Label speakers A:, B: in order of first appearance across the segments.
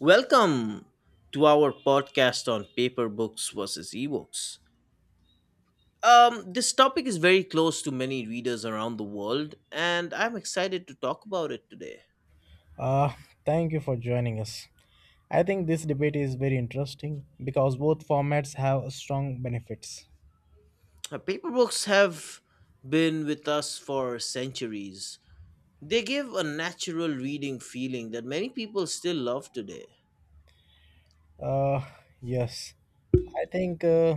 A: Welcome to our podcast on paper books versus ebooks. This topic is very close to many readers around the world, and I'm excited to talk about it today.
B: Uh, Thank you for joining us. I think this debate is very interesting because both formats have strong benefits.
A: Paper books have been with us for centuries. They give a natural reading feeling that many people still love today.
B: Uh, yes, I think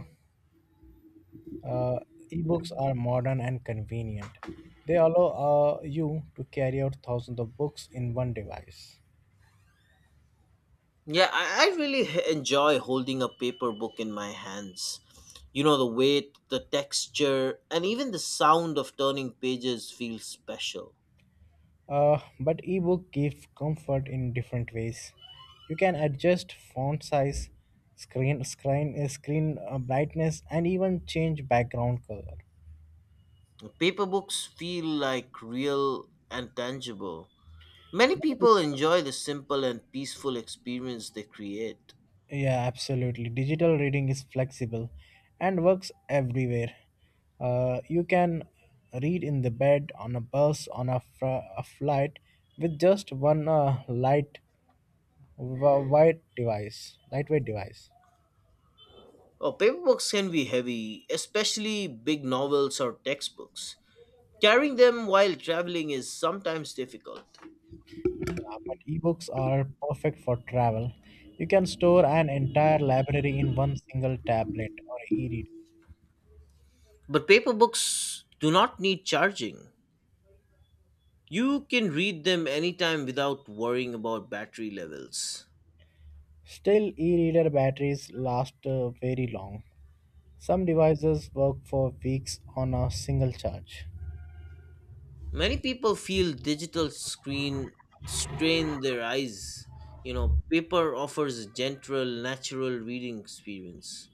B: uh, ebooks are modern and convenient. They allow you to carry out thousands of books in one device.
A: Yeah, I really enjoy holding a paper book in my hands. You know, the weight, the texture, and even the sound of turning pages feels special.
B: But ebook gives comfort in different ways. You can adjust font size, screen brightness, and even change background color.
A: Paper books feel like real and tangible. Many people enjoy the simple and peaceful experience they create.
B: Yeah, absolutely. Digital reading is flexible and works everywhere. You can read in the bed, on a bus, on a flight with just one lightweight device.
A: Oh, paper books can be heavy, especially big novels or textbooks. Carrying them while traveling is sometimes difficult.
B: Yeah, but ebooks are perfect for travel. You can store an entire library in one single tablet or e-reader.
A: But paper books do not need charging. You can read them anytime without worrying about battery levels.
B: Still, e-reader batteries last very long. Some devices work for weeks on a single charge.
A: Many people feel digital screen strain their eyes. You know, paper offers a gentle natural reading experience,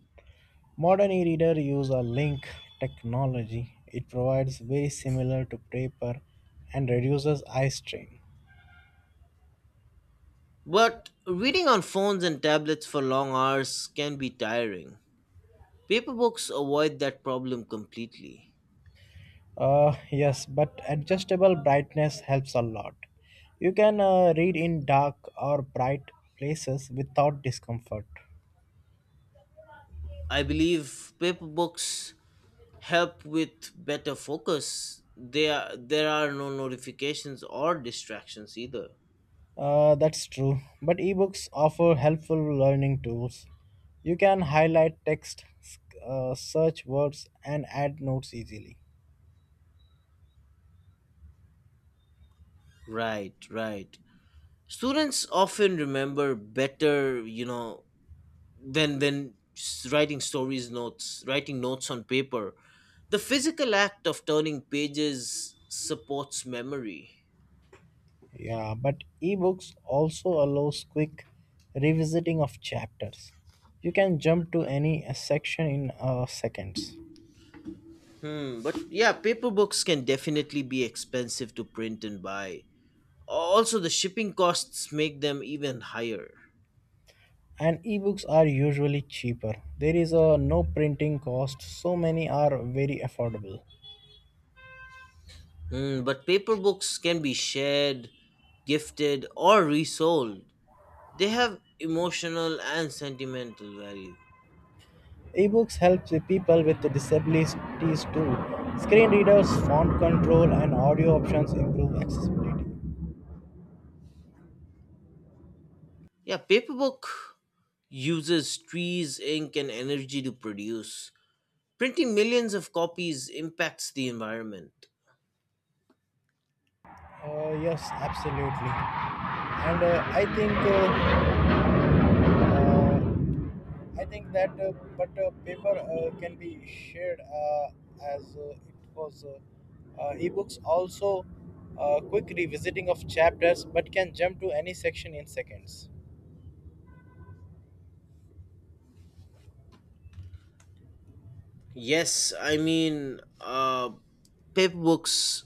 B: Modern e-reader use a link technology. It provides very similar to paper and reduces eye strain.
A: but reading on phones and tablets for long hours can be tiring. Paper books avoid that problem completely.
B: Yes, but adjustable brightness helps a lot. You can read in dark or bright places without discomfort.
A: I believe paper books help with better focus. There are no notifications or distractions either.
B: That's true. But ebooks offer helpful learning tools. You can highlight text, search words, and add notes easily.
A: Right, right. Students often remember better, you know, than writing notes on paper. The physical act of turning pages supports memory.
B: Yeah, but ebooks also allows quick revisiting of chapters. You can jump to any section in seconds.
A: But yeah, paper books can definitely be expensive to print and buy. Also, the shipping costs make them even higher.
B: And ebooks are usually cheaper. There is a no printing cost, so many are very affordable.
A: But paper books can be shared, gifted, or resold. They have emotional and sentimental value.
B: Ebooks help the people with disabilities too. Screen readers, font control, and audio options improve accessibility.
A: Yeah, paper book uses trees, ink, and energy to produce. Printing millions of copies impacts the environment.
B: Yes, absolutely. And uh, uh, I think that, but paper can be shared as it was. Ebooks also quick revisiting of chapters, but can jump to any section in seconds.
A: Yes, I mean, paper books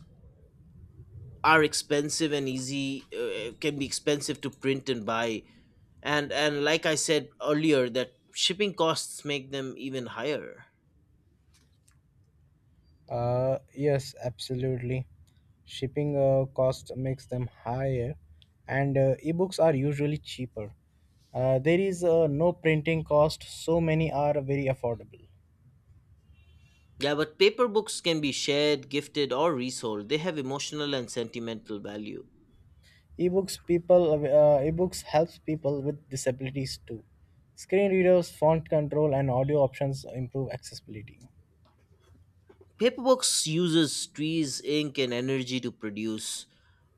A: are can be expensive to print and buy. And like I said earlier, that shipping costs make them even higher.
B: Yes, absolutely. Shipping cost makes them higher, and ebooks are usually cheaper. There is no printing cost, so many are very affordable.
A: Yeah, but paper books can be shared, gifted, or resold. They have emotional and sentimental value.
B: Ebooks helps people with disabilities too. Screen readers, font control, and audio options improve accessibility.
A: Paper books uses trees, ink, and energy to produce.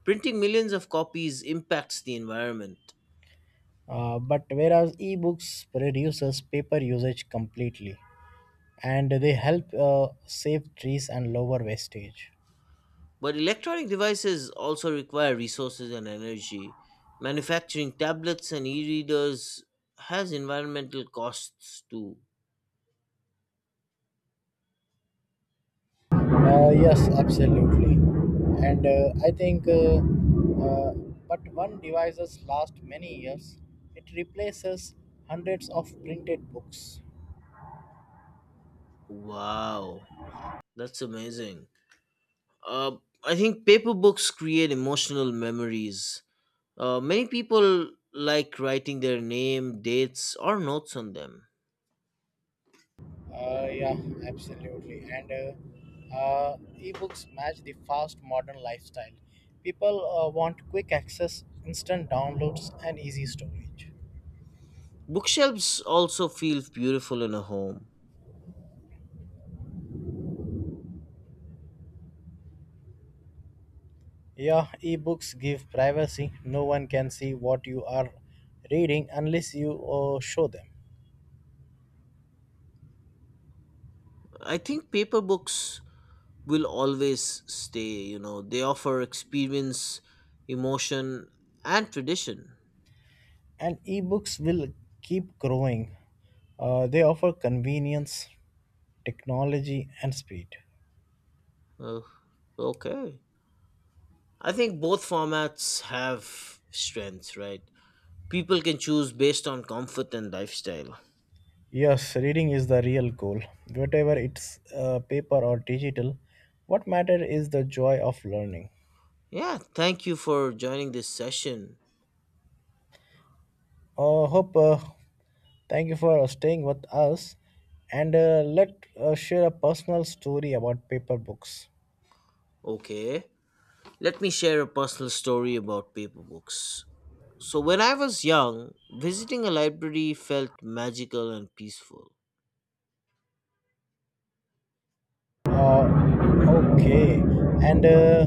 A: Printing millions of copies impacts the environment.
B: But whereas ebooks reduces paper usage completely, and they help save trees and lower wastage.
A: But electronic devices also require resources and energy. Manufacturing tablets and e readers has environmental costs too.
B: Yes, absolutely. And I think, uh, but one devices last many years. It replaces hundreds of printed books.
A: Wow, that's amazing. Uh, I think paper books create emotional memories. Many people like writing their name, dates, or notes on them.
B: Yeah, absolutely. And ebooks match the fast modern lifestyle. People want quick access, instant downloads, and easy storage.
A: Bookshelves also feel beautiful in a home.
B: Yeah, ebooks give privacy. No one can see what you are reading unless you show them.
A: I think paper books will always stay. You know, they offer experience, emotion, and tradition.
B: And ebooks will keep growing. They offer convenience, technology, and speed.
A: Oh, okay. I think both formats have strengths, right? People can choose based on comfort and lifestyle.
B: Yes, reading is the real goal. Whatever it's paper or digital, what matter is the joy of learning.
A: Yeah, thank you for joining this session.
B: Hope Thank you for staying with us, and let share a personal story about paper books.
A: Okay, let me share a personal story about paper books. So, when I was young, visiting a library felt magical and peaceful.
B: Uh, okay, and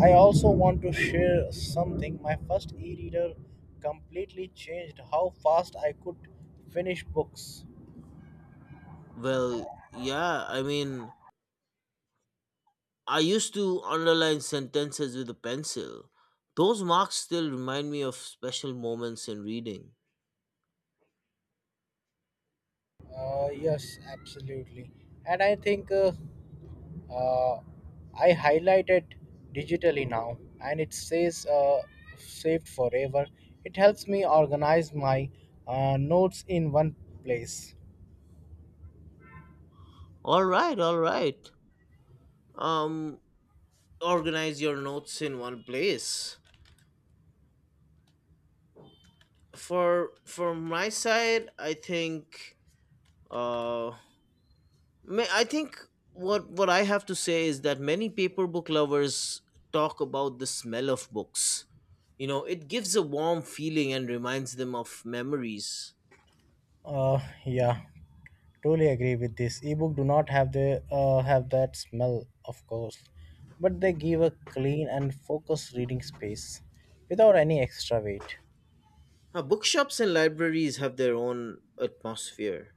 B: I also want to share something. My first e-reader completely changed how fast I could finish books.
A: Well, yeah, I mean, I used to underline sentences with a pencil. Those marks still remind me of special moments in reading.
B: Yes, absolutely. And uh, I highlighted digitally now, and it says saved forever. It helps me organize my notes in one place.
A: All right, all right. Um Organize your notes in one place. For my side, uh I think what I have to say is that many paper book lovers talk about the smell of books. You know, it gives a warm feeling and reminds them of memories.
B: Yeah, totally agree with this. Ebook do not have the have that smell, of course, but they give a clean and focused reading space without any extra weight.
A: Bookshops and libraries have their own atmosphere.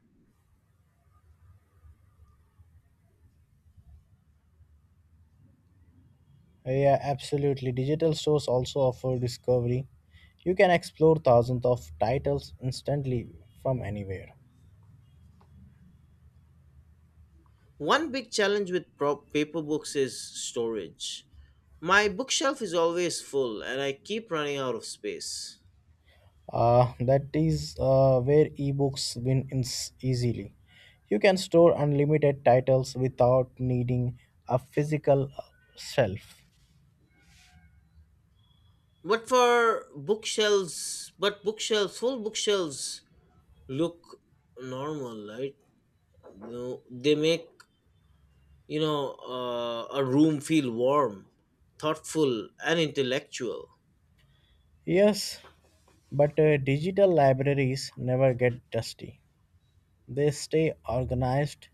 B: Yeah, absolutely. Digital stores also offer discovery. You can explore thousands of titles instantly from anywhere.
A: One big challenge with paper books is storage. My bookshelf is always full and I keep running out of space.
B: That is where ebooks win ins easily. You can store unlimited titles without needing a physical shelf.
A: But full bookshelves look normal, right? No, they make, you know, a room feel warm, thoughtful, and intellectual.
B: Yes, but digital libraries never get dusty. They stay organized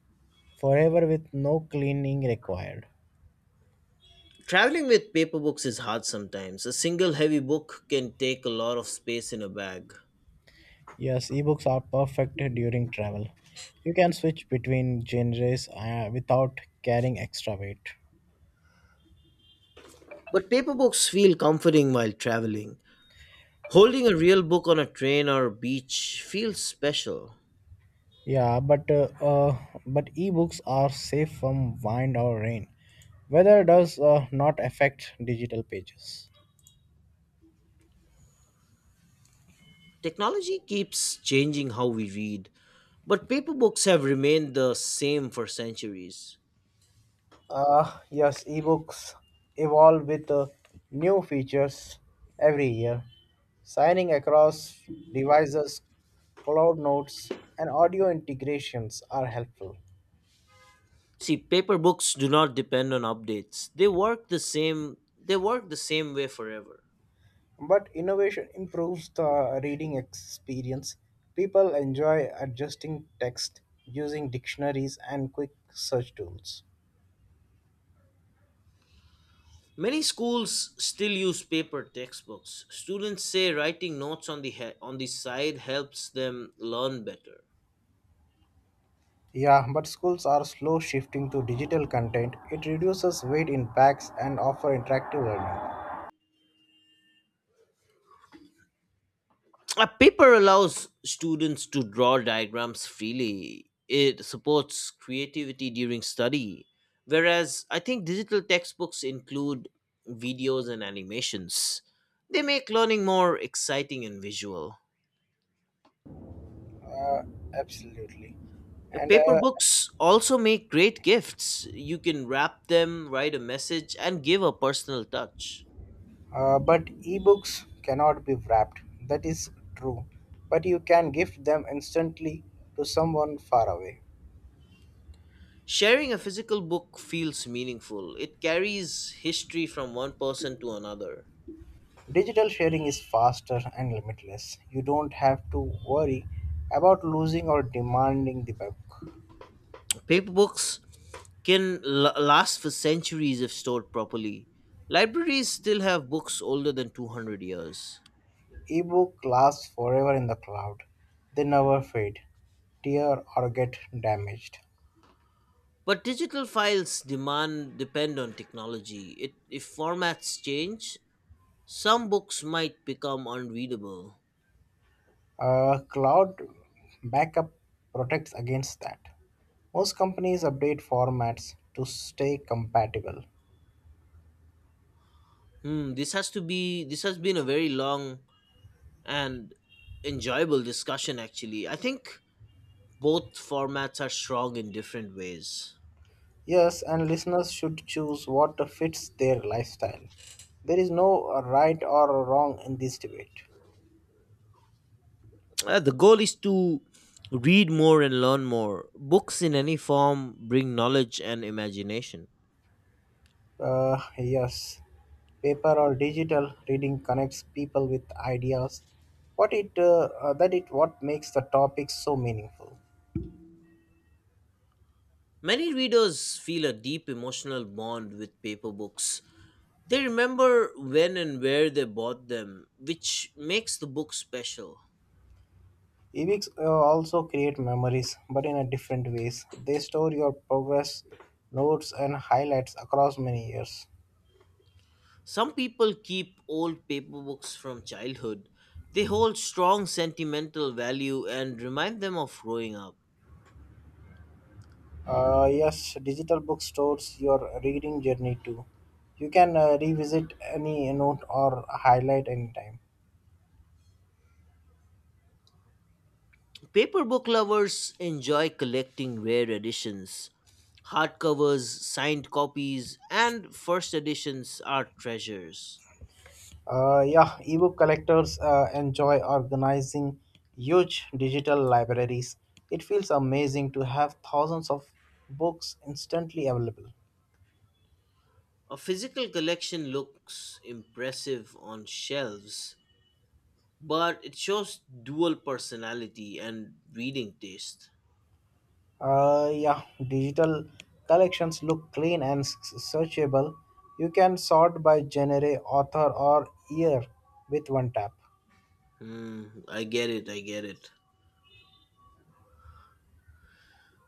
B: forever with no cleaning required.
A: Traveling with paper books is hard sometimes. A single heavy book can take a lot of space in a bag.
B: Yes, ebooks are perfect during travel. You can switch between genres without carrying extra weight.
A: But paper books feel comforting while traveling. Holding a real book on a train or a beach feels special.
B: Yeah, but ebooks are safe from wind or rain. Weather does not affect digital pages.
A: Technology keeps changing how we read, but paper books have remained the same for centuries.
B: Yes, ebooks evolve with new features every year. Signing across devices, cloud notes, and audio integrations are helpful.
A: See, paper books do not depend on updates. They work the same way forever.
B: But innovation improves the reading experience. People enjoy adjusting text using dictionaries and quick search tools.
A: Many schools still use paper textbooks. Students say writing notes on the on the side helps them learn better.
B: Yeah, but schools are slow shifting to digital content. It reduces weight in packs and offer interactive learning.
A: A paper allows students to draw diagrams freely. It supports creativity during study, whereas I think digital textbooks include videos and animations. They make learning more exciting and visual.
B: Absolutely. And
A: Paper books also make great gifts. You can wrap them, write a message, and give a personal touch.
B: but ebooks cannot be wrapped. That is true. But you can gift them instantly to someone far away.
A: Sharing a physical book feels meaningful. It carries history from one person to another.
B: Digital sharing is faster and limitless. You don't have to worry about losing or demanding the book.
A: Paper books can last for centuries if stored properly. Libraries still have books older than 200 years.
B: Ebook lasts forever in the cloud. They never fade, tear or get damaged.
A: But digital files demand depend on technology. It, if formats change, some books might become unreadable.
B: Cloud backup protects against that. Most companies update formats to stay compatible.
A: Hmm, this has been a very long and enjoyable discussion actually. I think both formats are strong in different ways.
B: Yes, and listeners should choose what fits their lifestyle. There is no right or wrong in this debate.
A: The goal is to read more and learn more. Books in any form bring knowledge and imagination.
B: Yes, paper or digital reading connects people with ideas. What it that it what makes the topic so meaningful.
A: Many readers feel a deep emotional bond with paper books. They remember when and where they bought them, which makes the book special.
B: Ebooks also create memories, but in a different ways. They store your progress, notes, and highlights across many years.
A: Some people keep old paper books from childhood. They hold strong sentimental value and remind them of growing up.
B: Yes, digital book stores your reading journey too. You can revisit any note or highlight anytime.
A: Paper book lovers enjoy collecting rare editions. Hardcovers, signed copies, and first editions are treasures.
B: Yeah, ebook collectors enjoy organizing huge digital libraries. It feels amazing to have thousands of books instantly available.
A: A physical collection looks impressive on shelves, but it shows dual personality and reading taste.
B: Yeah, digital collections look clean and searchable. You can sort by genre, author, or year with one tap.
A: Hmm, I get it, I get it.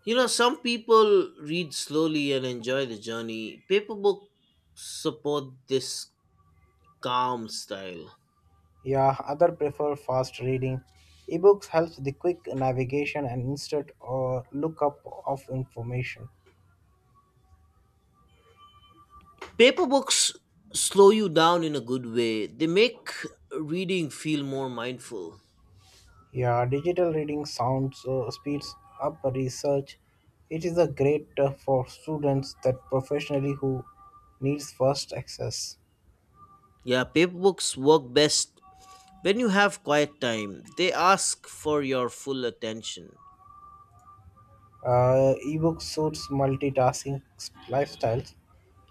A: You know, some people read slowly and enjoy the journey. Paper books support this calm style.
B: Yeah, other prefer fast reading. Ebooks helps the quick navigation and instant lookup of information.
A: Paper books slow you down in a good way, they make reading feel more mindful.
B: Yeah, digital reading sounds speeds up research. It is a great for students that professionally who needs fast access.
A: Yeah, paper books work best when you have quiet time, they ask for your full attention.
B: Ebook suits multitasking lifestyles.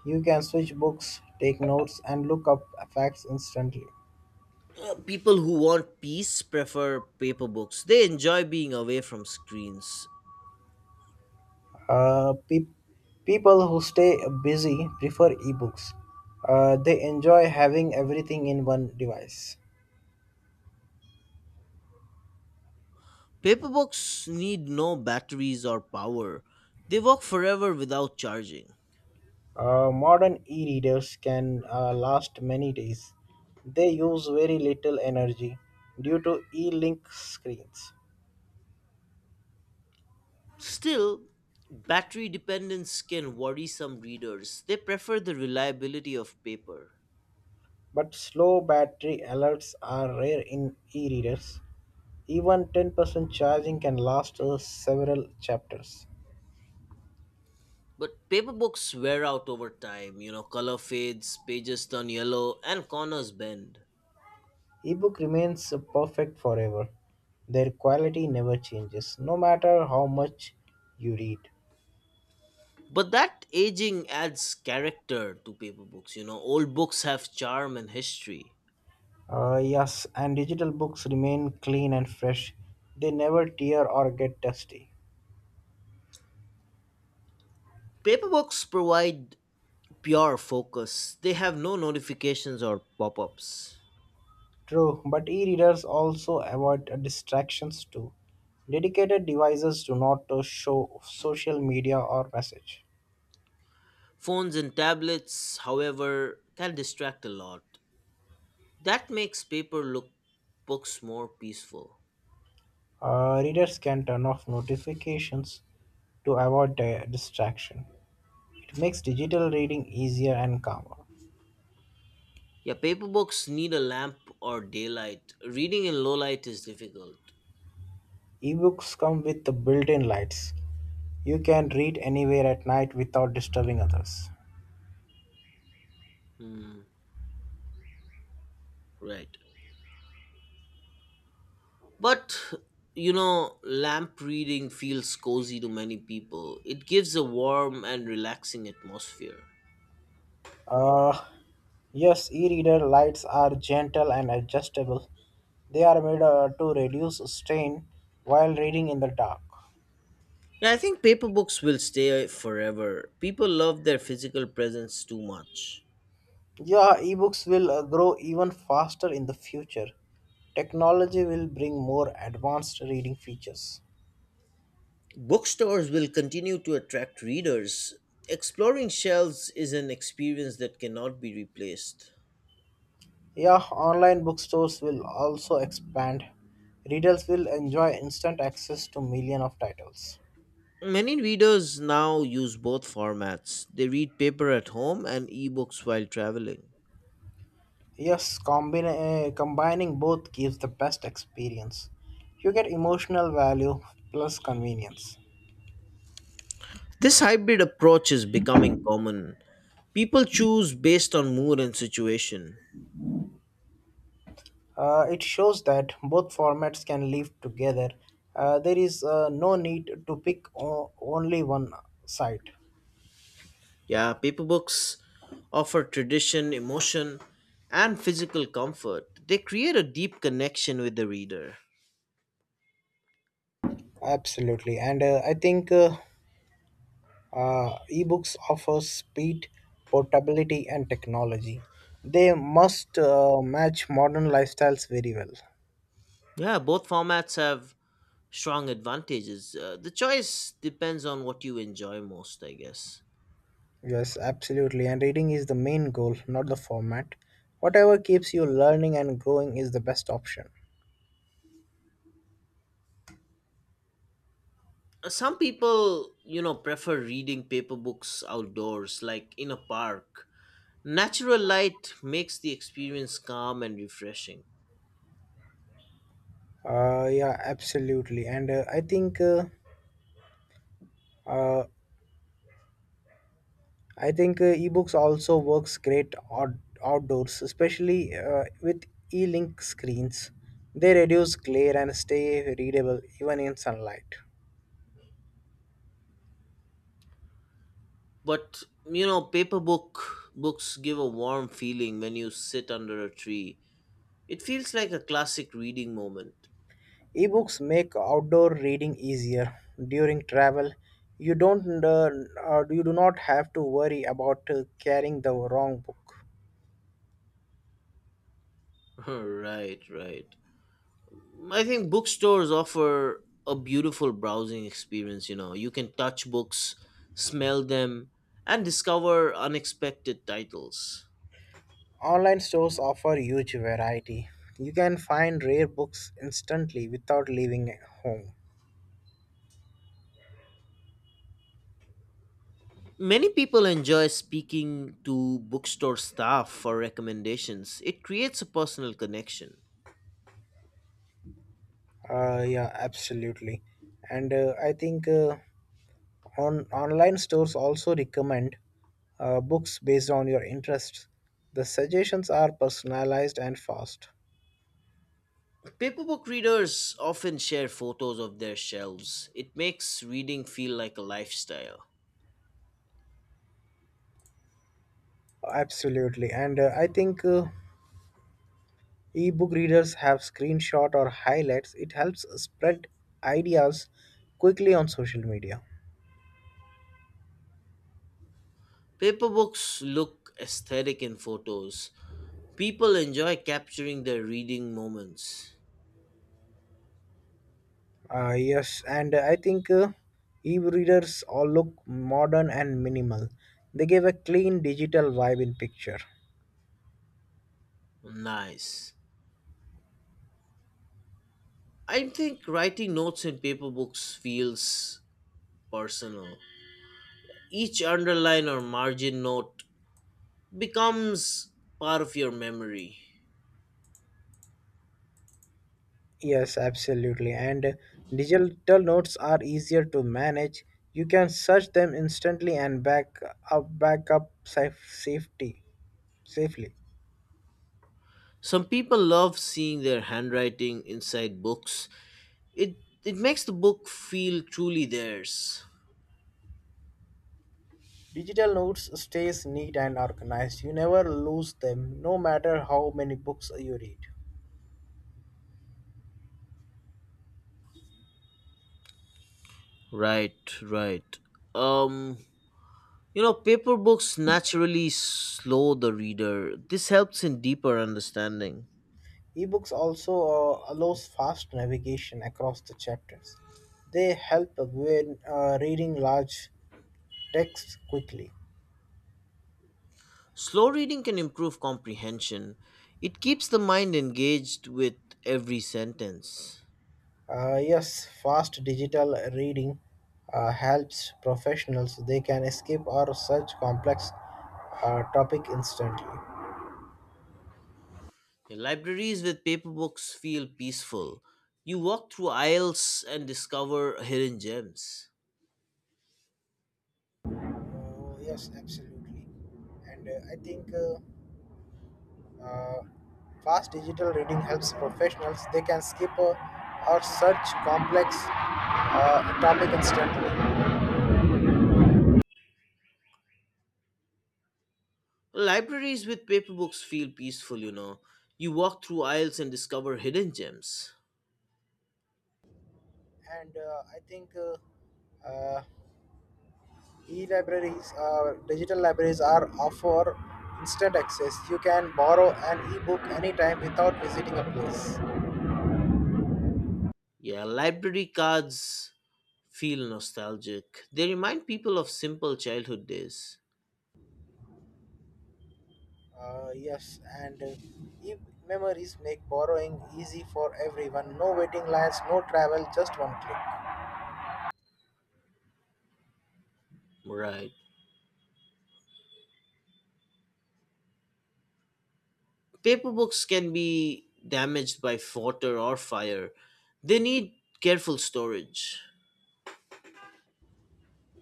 B: You can switch books, take notes, and look up facts instantly.
A: People who want peace prefer paper books. They enjoy being away from screens.
B: Uh, pe- people who stay busy prefer ebooks. They enjoy having everything in one device.
A: Paper books need no batteries or power. They work forever without charging.
B: Modern e-readers can last many days. They use very little energy due to e-link screens.
A: Still, battery dependence can worry some readers. They prefer the reliability of paper.
B: But slow battery alerts are rare in e-readers. Even 10% charging can last several chapters.
A: But paper books wear out over time. You know, color fades, pages turn yellow, and corners bend.
B: Ebook remains perfect forever. Their quality never changes, no matter how much you read.
A: But that aging adds character to paper books. You know, old books have charm and history.
B: Yes, and digital books remain clean and fresh. They never tear or get dusty.
A: Paper books provide pure focus, they have no notifications or pop ups.
B: True, but e-readers also avoid distractions too. Dedicated devices do not show social media or message.
A: Phones and tablets, however, can distract a lot. That makes paper look books more peaceful.
B: Readers can turn off notifications to avoid distraction. It makes digital reading easier and calmer.
A: Yeah, paper books need a lamp or daylight. Reading in low light is difficult.
B: Ebooks come with the built-in lights. You can read anywhere at night without disturbing others.
A: Hmm, right. But you know, lamp reading feels cozy to many people. It gives a warm and relaxing atmosphere.
B: Uh, yes, e-reader lights are gentle and adjustable. They are made to reduce strain while reading in the dark.
A: Yeah, I think paper books will stay forever. People love their physical presence too much.
B: Yeah, ebooks will grow even faster in the future. Technology will bring more advanced reading features.
A: Bookstores will continue to attract readers. Exploring shelves is an experience that cannot be replaced.
B: Yeah, online bookstores will also expand. Readers will enjoy instant access to millions of titles.
A: Many readers now use both formats. They read paper at home and ebooks while traveling.
B: Yes, combining both gives the best experience. You get emotional value plus convenience.
A: This hybrid approach is becoming common. People choose based on mood and situation.
B: It shows that both formats can live together. There is no need to pick only one side.
A: Yeah, paper books offer tradition, emotion, and physical comfort. They create a deep connection with the reader.
B: Absolutely, and I think ebooks offer speed, portability, and technology. They must match modern lifestyles very well.
A: Yeah, both formats have strong advantages. The choice depends on what you enjoy most, I guess.
B: Yes, absolutely. And reading is the main goal, not the format. Whatever keeps you learning and growing is the best option.
A: Some people, you know, prefer reading paper books outdoors, like in a park. Natural light makes the experience calm and refreshing.
B: Yeah, absolutely. And uh, I think ebooks also works great outdoors, especially with e-link screens. They reduce glare and stay readable even in sunlight.
A: But, you know, paper books give a warm feeling when you sit under a tree. It feels like a classic reading moment.
B: Ebooks make outdoor reading easier during travel. You don't uh, you do not have to worry about carrying the wrong book.
A: Right, right. I think bookstores offer a beautiful browsing experience. You know, you can touch books, smell them, and discover unexpected titles.
B: Online stores offer huge variety. You can find rare books instantly without leaving home.
A: Many people enjoy speaking to bookstore staff for recommendations. It creates a personal connection.
B: Yeah, absolutely. And I think on online stores also recommend books based on your interests. The suggestions are personalized and fast.
A: Paperbook readers often share photos of their shelves. It makes reading feel like a lifestyle.
B: Absolutely. And I think Ebook readers have screenshot or highlights. It helps spread ideas quickly on social media.
A: Paper look aesthetic in photos. People enjoy capturing their reading moments.
B: Yes, and I think e-readers all look modern and minimal. They give a clean digital vibe in picture.
A: Nice. I think writing notes in paper books feels personal. Each underline or margin note becomes part of your memory.
B: Yes, absolutely. And digital notes are easier to manage. You can search them instantly and back up saf- safety safely.
A: Some people love seeing their handwriting inside books. It it makes the book feel truly theirs.
B: Digital notes stays neat and organized. You never lose them, no matter how many books you read.
A: Right, right. Um, Paper books naturally slow the reader. This helps in deeper understanding.
B: Ebooks also allows fast navigation across the chapters. They help when reading large texts quickly.
A: Slow reading can improve comprehension. It keeps the mind engaged with every sentence.
B: Yes, fast digital reading helps professionals. They can skip or search complex topic instantly.
A: Libraries with paper books feel peaceful. You walk through aisles and discover hidden gems.
B: Uh, yes, absolutely. And I think. Uh, Fast digital reading helps professionals. They can skip or search complex topic instantly.
A: Libraries with paper books feel peaceful, you know. You walk through aisles and discover hidden gems.
B: And I think digital libraries are offer instant access. You can borrow an e-book anytime without visiting a place.
A: Yeah, library cards feel nostalgic. They remind people of simple childhood days.
B: Yes, and e-memories make borrowing easy for everyone. No waiting lines, no travel, just one click.
A: Right. Paper books can be damaged by water or fire. They need careful storage.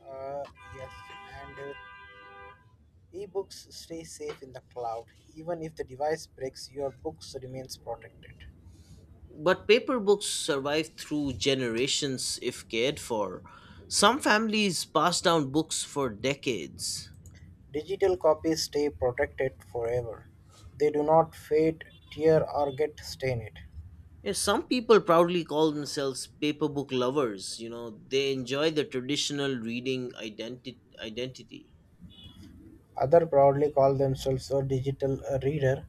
B: Uh, yes, and ebooks stay safe in the cloud. Even if the device breaks, your books remains protected.
A: But paper books survive through generations if cared for. Some families pass down books for decades.
B: Digital copies stay protected forever. They do not fade, tear or get stained.
A: Yeah, some people proudly call themselves paper book lovers. You know, they enjoy the traditional reading identity.
B: Other proudly call themselves a digital reader.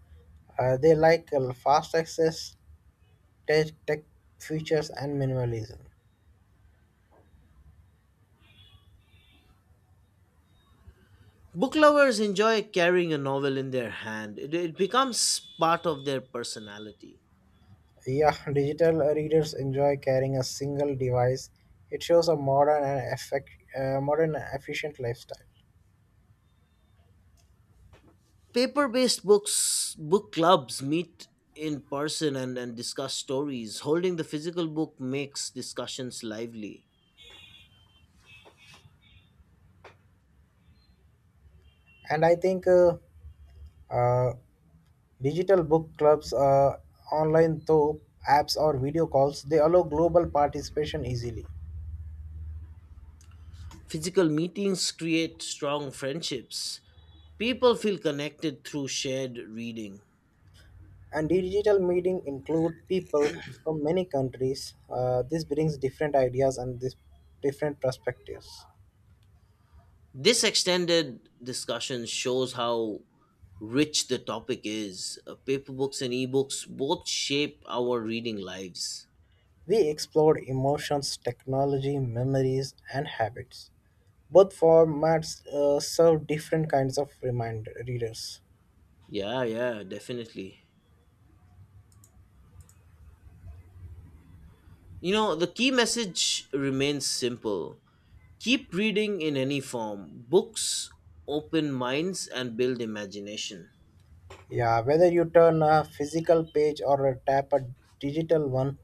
B: They like fast access, tech features and minimalism.
A: Book lovers enjoy carrying a novel in their hand, it becomes part of their personality.
B: Yeah, digital readers enjoy carrying a single device. It shows a modern and efficient lifestyle.
A: Paper-based books book clubs meet in person and, discuss stories. Holding the physical book makes discussions lively.
B: And I think Uh, digital book clubs, online though apps or video calls, they allow global participation easily.
A: Physical meetings create strong friendships. People feel connected through shared reading.
B: And digital meeting include people from many countries. This brings different ideas and this different perspectives.
A: This extended discussion shows how rich the topic is. Paper books and ebooks both shape our reading lives.
B: We explored emotions, technology, memories, and habits. Both formats serve different kinds of remind readers.
A: Yeah, yeah, definitely. You know, the key message remains simple. Keep reading in any form. Books open minds and build imagination.
B: Yeah, whether you turn a physical page or a tap a digital one,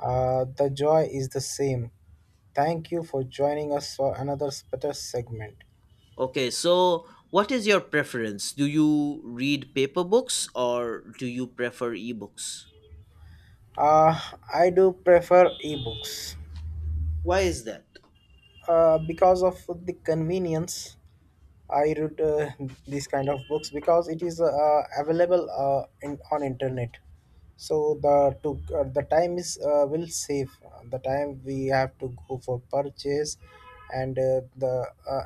B: the joy is the same. Thank you for joining us for another better segment.
A: Okay, so what is your preference? Do you read paper books or do you prefer ebooks?
B: Uh, I do prefer ebooks
A: Why is that?
B: because of the convenience. I read these kind of books because it is available on internet. So the time is will save the time we have to go for purchase, and the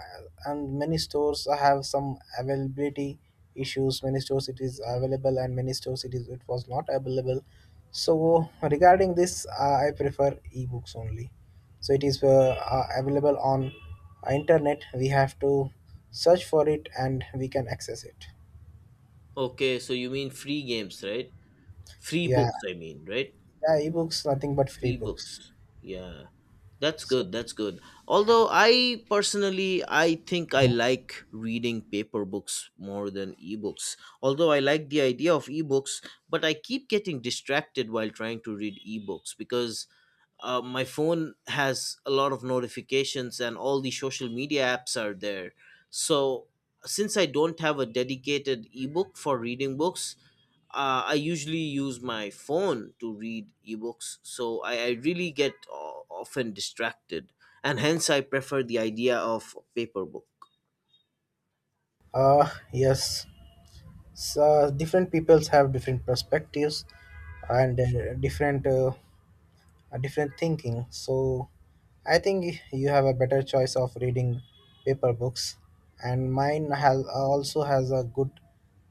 B: and many stores have some availability issues. Many stores it is available, and many stores it was not available. So regarding this, I prefer ebooks only, so it is available on internet. We have to search for it, and we can access it.
A: Okay, so you mean free games, right? Free
B: Yeah,
A: books, I mean, right?
B: yeah, ebooks nothing but free
A: Free
B: books.
A: books. Yeah, that's
B: So
A: good, that's good. Although I personally, I think I like reading paper books more than ebooks, although I like the idea of ebooks, but I keep getting distracted while trying to read ebooks because my phone has a lot of notifications and all the social media apps are there. So since I don't have a dedicated ebook for reading books, I usually use my phone to read ebooks, so I really get often distracted, and hence I prefer the idea of paper book.
B: yes, so different peoples have different perspectives, and different a different thinking. So I think you have a better choice of reading paper books, and mine has also has a good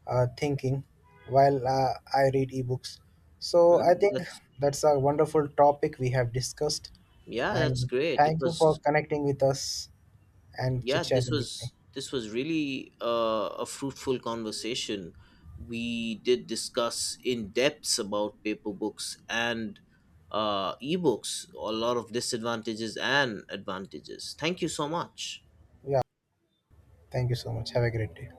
B: thinking while I read ebooks. So I
A: Mm,
B: think
A: that's
B: that's a wonderful topic we have discussed,
A: yeah, that's
B: and
A: great. It
B: thank you for
A: was
B: connecting with us and
A: Yeah,
B: chit
A: this
B: chatting with me.
A: was this was really a fruitful conversation. We did discuss in depths about paper books and ebooks, a lot of disadvantages and advantages. Thank you so much.
B: Yeah, thank you so much. Have a great day.